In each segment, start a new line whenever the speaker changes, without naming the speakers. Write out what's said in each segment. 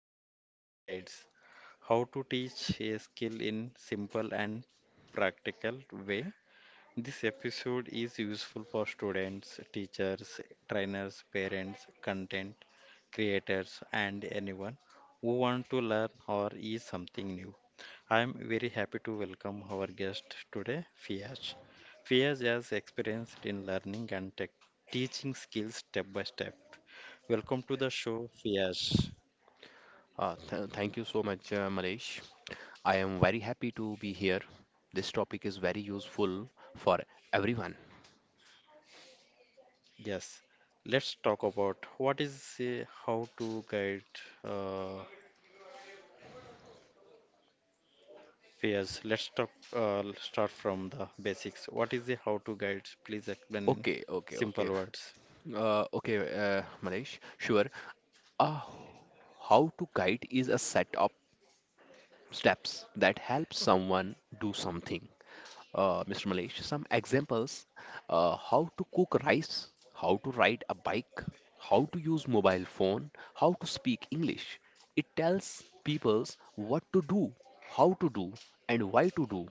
to guides, how to teach a skill in simple and practical way. This episode is useful for students, teachers, trainers, parents, content creators, and anyone who want to learn or is something new. I am very happy to welcome our guest today, Fiaz. Fiaz has experienced in learning and tech teaching skills step by step. Welcome to the show, Fiaz.
Th Thank you so much, Malaysh. I am very happy to be here. This topic is very useful for everyone.
Yes, let's talk about what is how to guide. Yes, let's talk, start from the basics. What is the how-to guide? Please explain in
Okay, okay, okay.
simple words.
Okay, uh, Malaysh, sure. Uh, how to guide is a set of steps that help someone do something. Mr. Malesh, some examples: how to cook rice, how to ride a bike, how to use mobile phone, how to speak English. It tells peoples what to do, how to do, and why to do.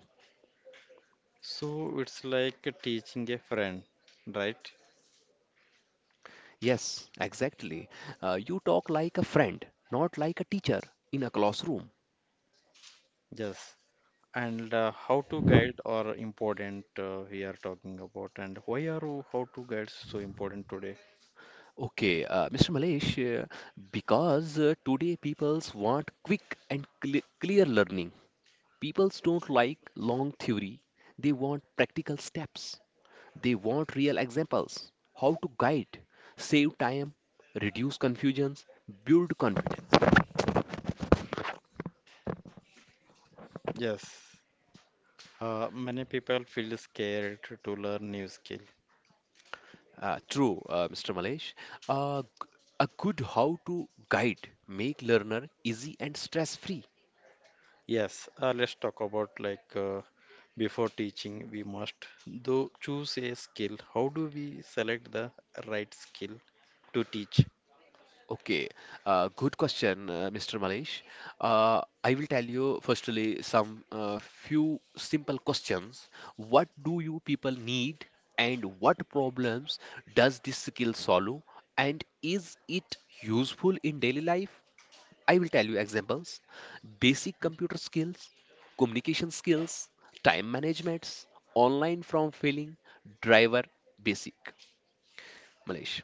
So it's like teaching a friend, right?
Yes, exactly. You talk like a friend, not like a teacher in a classroom.
Yes. And how-to guide are important, we are talking about, and why are how-to guides so important today?
Okay, Mr. Malesh, because today peoples want quick and clear learning. People don't like long theory, they want practical steps. They want real examples, how to guide, save time, reduce confusions, build confidence.
Yes. Many people feel scared to learn new skill.
True, Mr. Malesh. Uh, g- a good how to guide make learner easy and stress free.
Yes, let's talk about, like before teaching, we must though choose a skill. How do we select the right skill to teach?
Okay, good question, Mr. Malesh. I will tell you firstly some few simple questions. What do you people need, and what problems does this skill solve, and is it useful in daily life? I will tell you examples. Basic computer skills, communication skills, time managements, online from failing, driver basic. Malesh.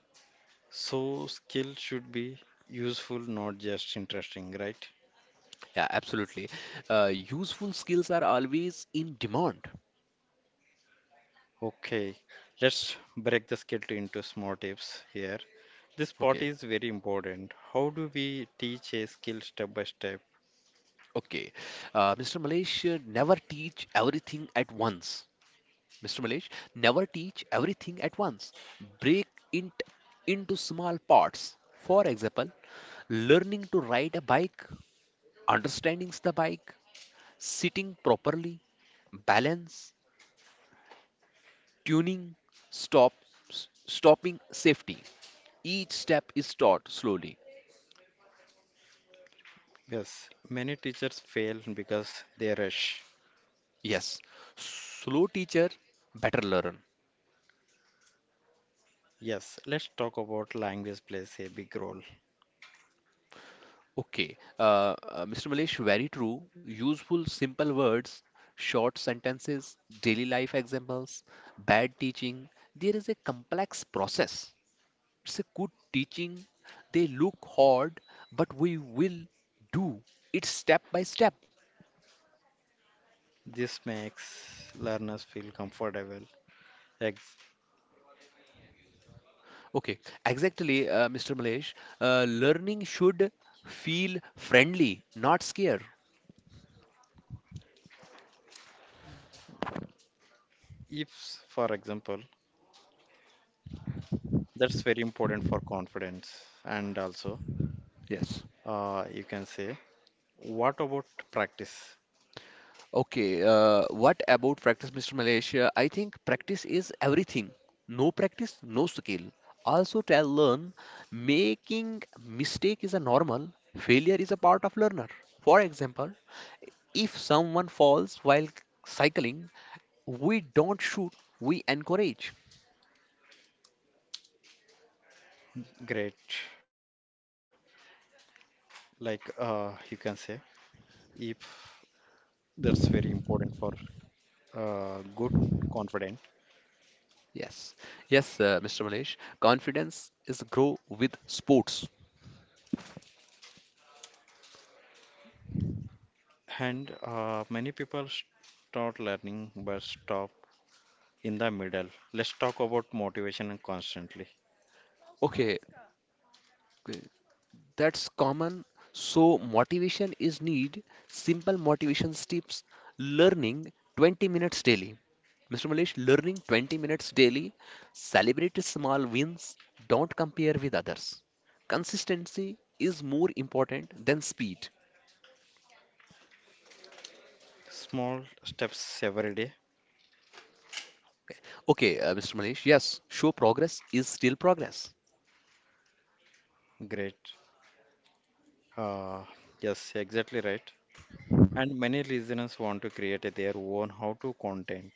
So skill should be useful, not just interesting, right?
Yeah, absolutely. Useful skills are always in demand.
Okay, let's break the skill into small tips here. This part
Okay,
is very important. How do we teach a skill step by step?
okay. Mr. Malesh, never teach everything at once. Mr. Malesh, never teach everything at once. Break it into small parts. For example, learning to ride a bike, understanding the bike, sitting properly, balance, tuning, stop, stopping safety. Each step is taught slowly.
Yes, many teachers fail because they rush.
Yes, slow teacher, better learn.
Yes, let's talk about, language plays a big role.
Okay, Mr. Malesh, very true. Useful, simple words, short sentences, daily life examples, bad teaching. There is a complex process. It's a good teaching. They look hard, but we will do it step by step.
This makes learners feel comfortable. Ex-
Okay, exactly, Mr. Malesh. Learning should feel friendly, not scare.
If, for example, that's very important for confidence. And also,
Yes.
you can say, what about practice?
Okay, what about practice, Mr. Malaysia? I think practice is everything. No practice, no skill. Also, tell learn making mistake is a normal. Failure is a part of learner. For example, if someone falls while cycling, we don't shoot, we encourage.
Great. Like, you can say, if that's very important for good confidence.
Yes, yes, Mr. Malesh. Confidence is grow with sports.
And many people start learning but stop in the middle. Let's talk about motivation and constantly.
Okay, that's common. So, motivation is need. Simple motivation tips. Learning 20 minutes daily. Mr. Malesh, learning 20 minutes daily. Celebrate small wins. Don't compare with others. Consistency is more important than speed.
Small steps every day.
Okay, Mr. Malesh, yes, show progress is still progress.
Great. Uh, yes, exactly right. And many listeners want to create their own how to content.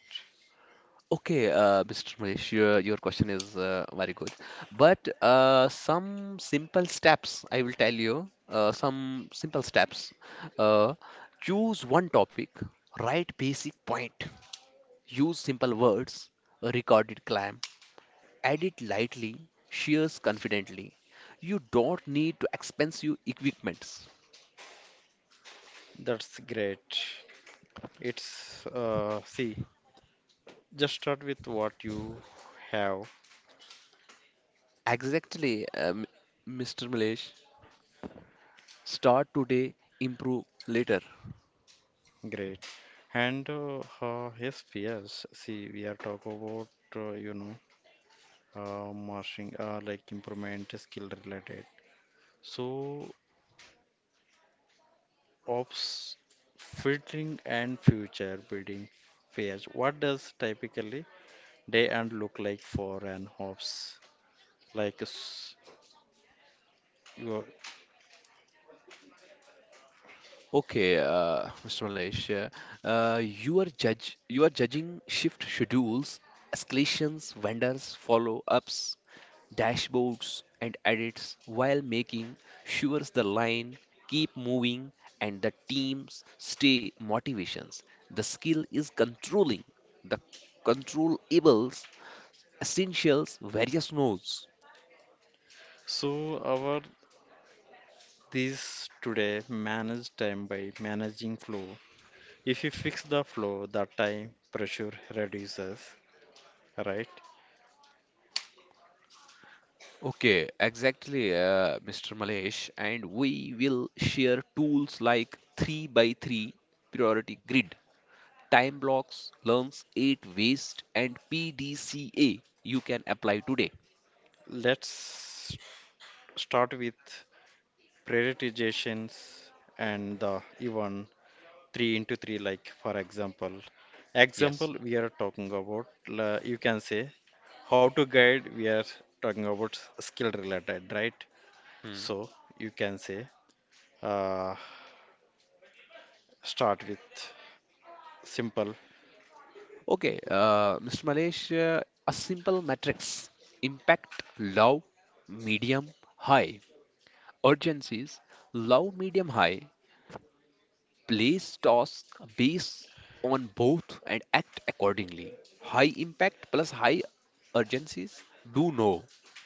Okay, Mr. Mahesh, your question is very good. But some simple steps, I will tell you, some simple steps. Uh, Choose one topic, write basic point, use simple words, a recorded clam, edit lightly, shares confidently. You don't need to expensive equipments.
That's great. It's see, just start with what you have.
Exactly, Mr. Mahesh. Start today, improve later.
Great. And Yes, yes. See, we are talk about uh, you know marching like improvement skill related. So ops filtering and future building phase. What does typically day and look like for an ops? Like your.
Okay, Mr. Malesh, you are judging shift schedules, escalations, vendors, follow-ups, dashboards, and edits while making sure the line keep moving and the teams stay motivations. The skill is controlling the controllables, essentials, various nodes.
So our this today manage time by managing flow. If you fix the flow, the time pressure reduces, right?
Okay, exactly, Mr. Malesh. And we will share tools like 3 by 3 priority grid, time blocks, learns, 8 waste, and PDCA you can apply today.
Let's start with prioritizations and the even 3 into 3, like for example
Yes.
example we are talking about, you can say, how to guide we are talking about, skill related, right?
Hmm.
So you can say, uh, start with simple.
Okay, Mr. Malesh, a simple matrix impact low, medium, high. Urgencies low, medium, high. Place tasks based on both and act accordingly. High impact plus high urgencies do no.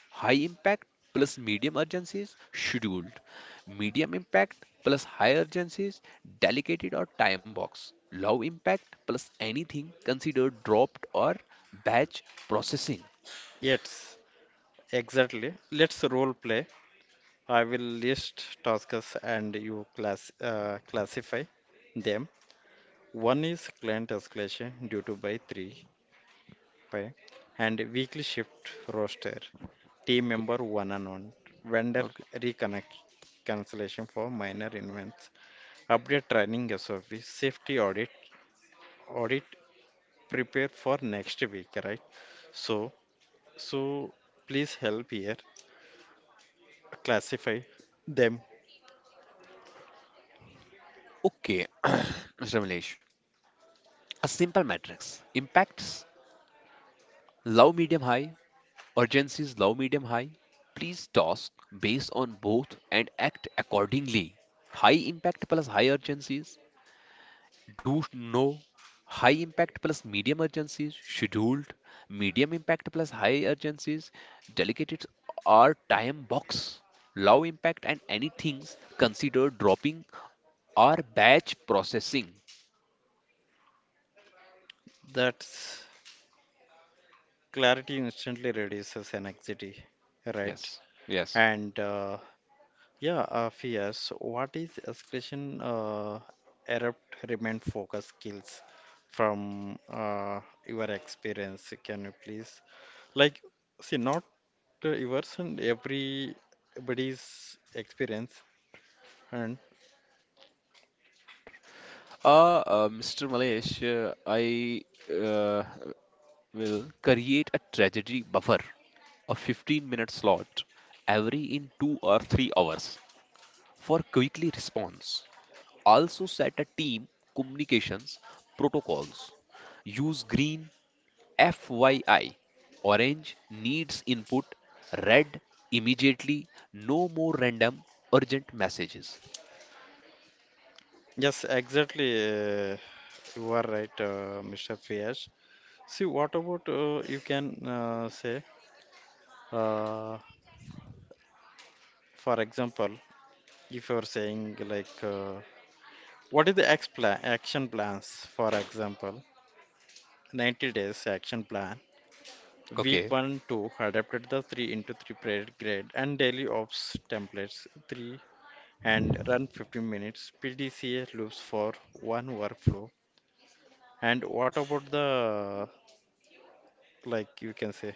High impact plus medium urgencies scheduled. Medium impact plus high urgencies delegated or time box. Low impact plus anything considered dropped or batch processing.
Yes, exactly. Let's role play. I will list tasks and you classify them. One is client escalation due to by three by, and weekly shift roster. Team member
Okay.
one on one. Vendor
Okay.
reconnect cancellation for minor events. Update training SOP. Safety audit. Audit prepare for next week, right? So so please help here. Classify them.
Okay. Mr. Milesh. A simple matrix. Impacts low, medium, high. Urgencies low, medium, high. Please task based on both and act accordingly. High impact plus high urgencies. Do no. High impact plus medium urgencies scheduled. Medium impact plus high urgencies delegated or time box. Low impact and any things considered dropping or batch processing.
That clarity instantly reduces anxiety, right?
Yes. Yes.
And yeah, fears. What is escalation erupt remain focus skills from your experience? Can you please, like, see not yours and everybody's experience and
Mr. Malesh, I uh, will create a tragedy buffer. A 15-minute slot every in 2 or 3 hours for quickly response. Also set a team communications protocols. Use green FYI. Orange needs input. Red immediately. No more random urgent messages.
yes, exactly. Uh, you are right, Mr. Fiyash. See, what about you can say, uh, for example. If you're saying, like, what is the ex plan action plans, for example, 90 days action plan, week
Okay,
1 2 adapted the 3 into 3 period grade and daily ops templates 3, and run 15 minutes pdca loops for one workflow. And what about the, like you can say,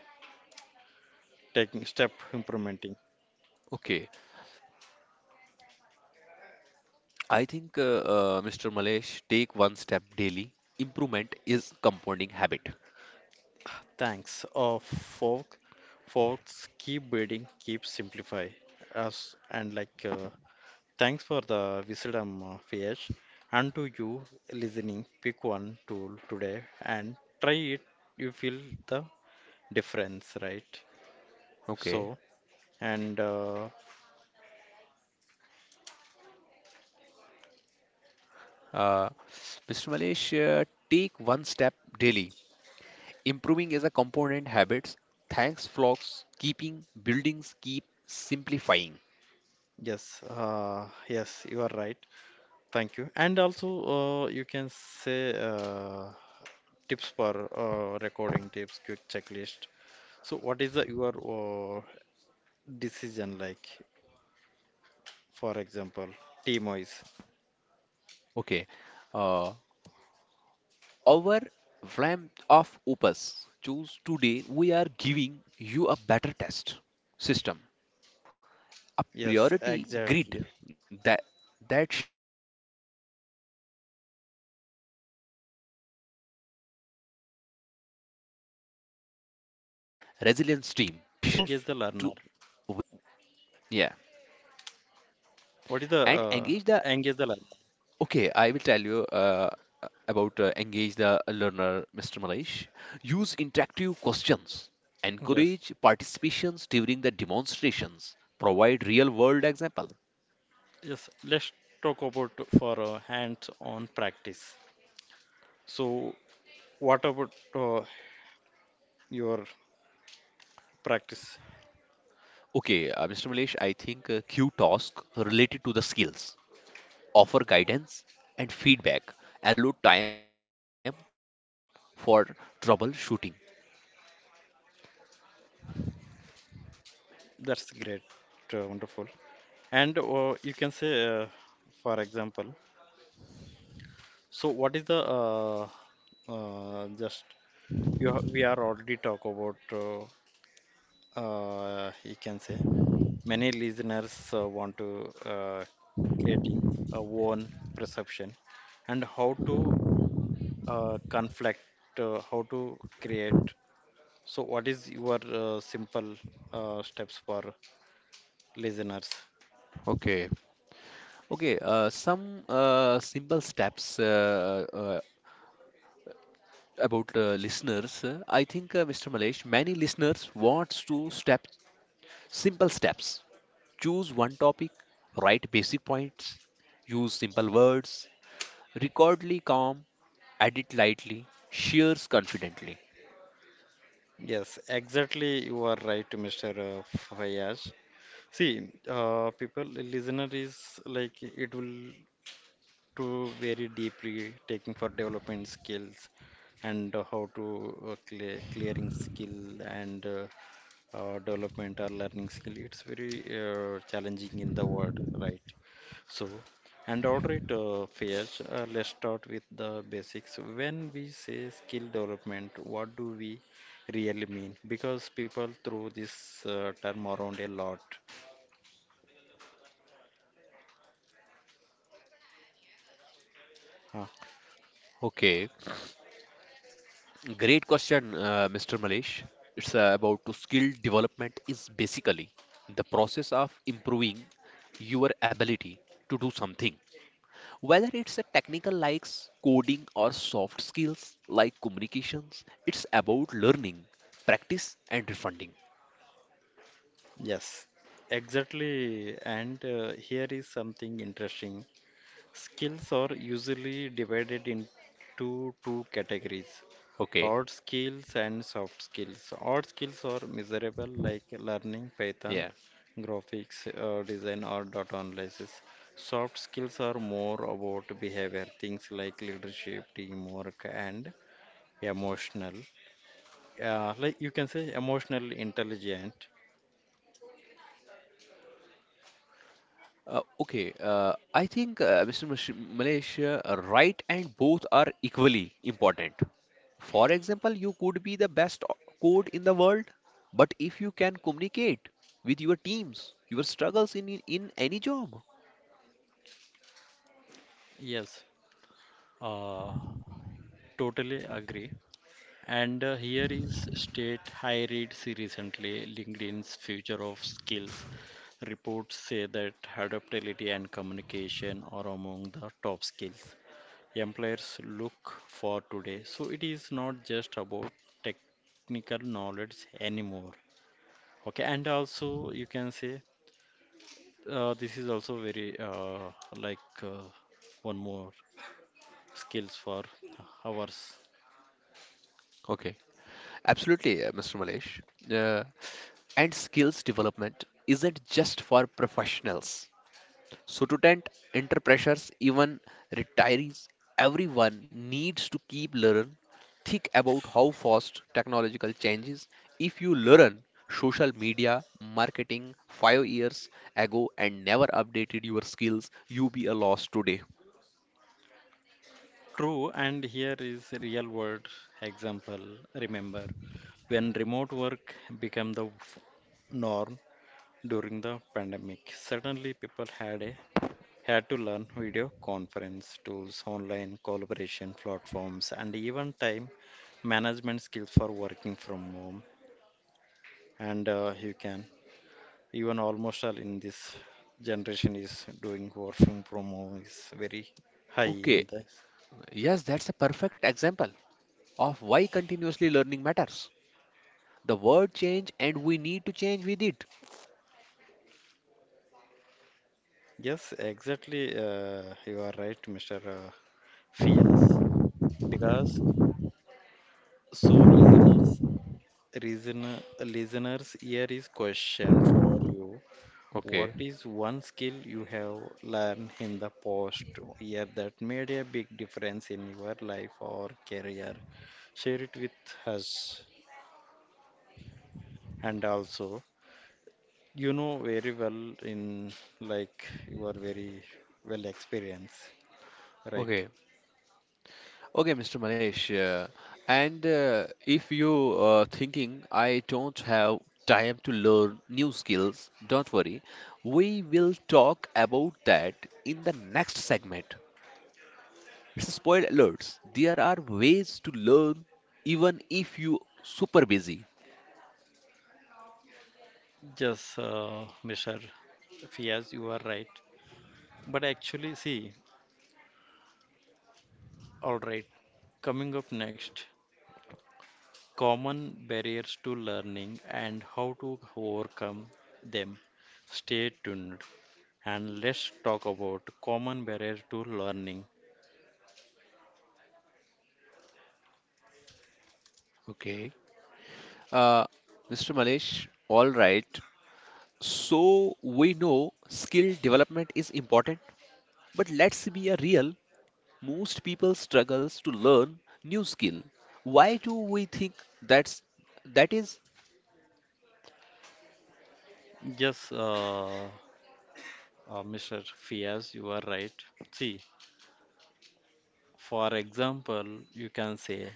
taking step implementing
okay. I think Mr. Malesh take one step daily. Improvement is compounding habit.
thanks of folk folks, keep building, keep simplify us. And, like, thanks for the wisdom, Fiyesh. And to you listening, pick one tool today and try it. You feel the difference, right?
Okay.
So, and
Uh, Mr. Malesh, take one step daily. Improving is a component habits. Thanks, flocks, keeping buildings keep simplifying.
yes, yes, you are right. Thank you. And also, you can say tips for recording tips, quick checklist. So, what is the your decision like? For example, team wise.
Okay. Uh, our flame of opus. Choose today. We are giving you a better test system, a
Yes,
priority
exactly.
grid that that shrinks. You do list,
Yes,
learn tools
exactly,
to
right, Mr.
waste
Fayaz.
and ratios to
So,
build
what is the
a
engage the learner?
resilience team. Yeah.
What is the
and engage the
engage the learner?
Okay, I will tell you about engage the learner, Mr. Malesh. Use interactive questions,
Yes,
encourage participations during the demonstrations, provide real world example.
yes. Let's talk about, for hands-on practice. So, what about your practice?
Okay, Mr. Malesh, I think q task related to the skills, offer guidance and feedback, allow time for troubleshooting.
That's great, wonderful. And you can say, for example, so what is the just you we are already talk about you can say many listeners want to creating a own perception and how to conflict, how to create. So, what is your simple steps for listeners?
Okay. Okay, some simple steps about listeners, I think, Mr. Malesh, many listeners wants to step simple steps. Choose one topic, write basic points, use simple words, recordly calm, edit lightly, shares confidently.
Yes, exactly. You are right, Mr. Fayaz. See, people, listener is like it will to very deeply taking for development skills and how to clearing skill and development or learning skill it's very challenging in the world, right? So and order it fares, let's start with the basics. When we say skill development, what do we really mean? Because people throw this term around a lot. Huh,
Okay, great question, Mr. Malesh. It's about to skill development is basically the process of improving your ability to do something. Whether it's a technical like coding or soft skills like communications, it's about learning, practice, and refunding.
yes, exactly. And here is something interesting. Skills are usually divided into two categories.
Okay.
Hard skills and soft skills. Hard skills are measurable, like learning Python,
Yeah.
graphics design, or data analysis. Soft skills are more about behavior, things like leadership, teamwork, and emotional. Like you can say, emotional intelligent.
Okay, I think Mr. Malaysia, right and both are equally important. For example, you could be the best code in the world, but if you can communicate with your teams, your struggles in any job.
Yes, uh, totally agree. And here is State High reads recently LinkedIn's Future of Skills. Reports say that adaptability and communication are among the top skills employers look for today. So it is not just about technical knowledge anymore. Okay, and also you can say this is also very like one more skills for ours.
Okay. Absolutely, Mr. Malesh. Uh, And skills development isn't just for professionals. Student, entrepreneurs, even retirees, everyone needs to keep learn. Think about how fast technological changes. If you learn social media marketing 5 years ago and never updated your skills, you be a loss today.
True, and here is a real world example. Remember, when remote work became the norm during the pandemic, suddenly people had to learn video conference tools, online collaboration platforms, and even time management skills for working from home. And you can even almost all in this generation is doing working from home is very high
Okay,
in this.
yes, that's a perfect example of why continuously learning matters. The world change and we need to change with it.
Yes, exactly. You are right, Mr. Yes, because so listeners, reason, listeners, here is question for you.
Okay.
What is one skill you have learned in the past year that made a big difference in your life or career? Share it with us. And also, you know very well in, like, you are very well experienced, right?
Okay. Okay, Mr. Manesh, and if you are thinking I don't have time to learn new skills, don't worry. We will talk about that in the next segment. It's a spoil alerts. There are ways to learn even if you super busy.
Yes, Mr. Fias, you are right. But actually, see, all right, coming up next, common barriers to learning and how to overcome them. Stay tuned and let's talk about common barriers to learning.
Okay. Uh, Mr. Malesh, all right. So we know skill development is important, but let's be a real. Most people struggles to learn new skill. Why do we think that's that is?
Yes, Mr. Fias, you are right. See, for example, you can say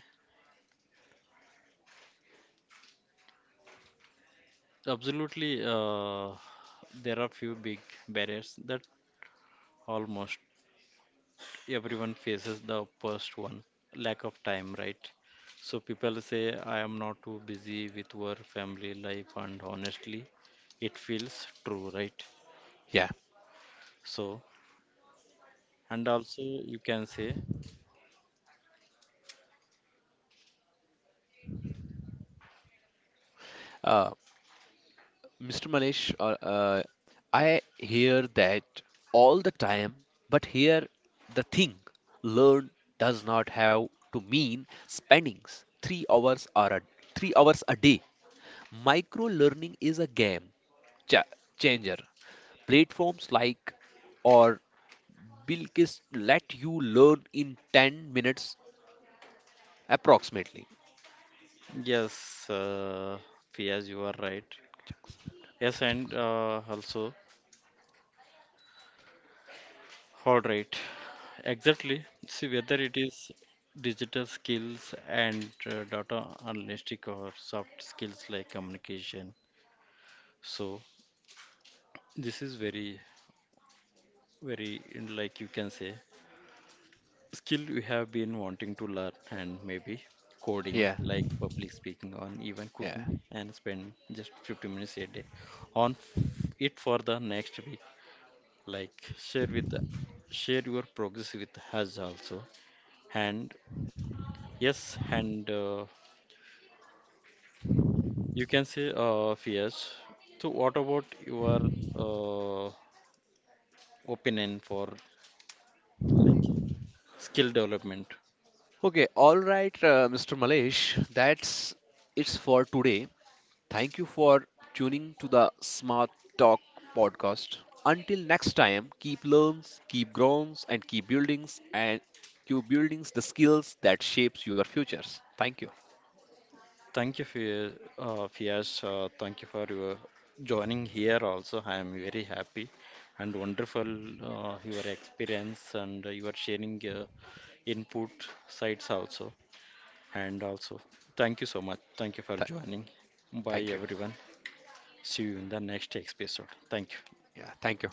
absolutely there are few big barriers that almost everyone faces. The first one, lack of time, right? So people say I am not too busy with work, family life, and honestly it feels true, right?
Yeah.
So and also you can say
Uh, Mr. Malesh, uh, I hear that all the time, but here the thing learn does not have to mean spending three hours or a, 3 hours a day. Micro learning is a game cha- changer. Platforms like or Bilkis let you learn in 10 minutes approximately.
yes, Fiaz, you are right. Yes, and also, all right, exactly, see whether it is digital skills and data analytic or soft skills like communication. So this is very, very, like you can say, skill you have been wanting to learn, and maybe coding,
Yeah,
like public speaking or even
yeah.
cooking, and spend just 15 minutes a day on it for the next week. Like share your progress with us also. And yes, and you can say, fears, so what about your uh, opinion for, like, skill development.
Okay, all right, Mr. Malesh, that's it's for today. Thank you for tuning to the Smart Talk podcast. Until next time, keep learns, keep grows, and keep buildings the skills that shapes your futures. Thank you.
Thank you, Fias. Fias. Thank you for your joining here also. I am very happy and wonderful your experience and your sharing input sites also. And also, thank you so much. Thank you for
Th-
joining. Bye,
Thank you.
everyone. See you in the next episode. Thank you.
Yeah, thank you.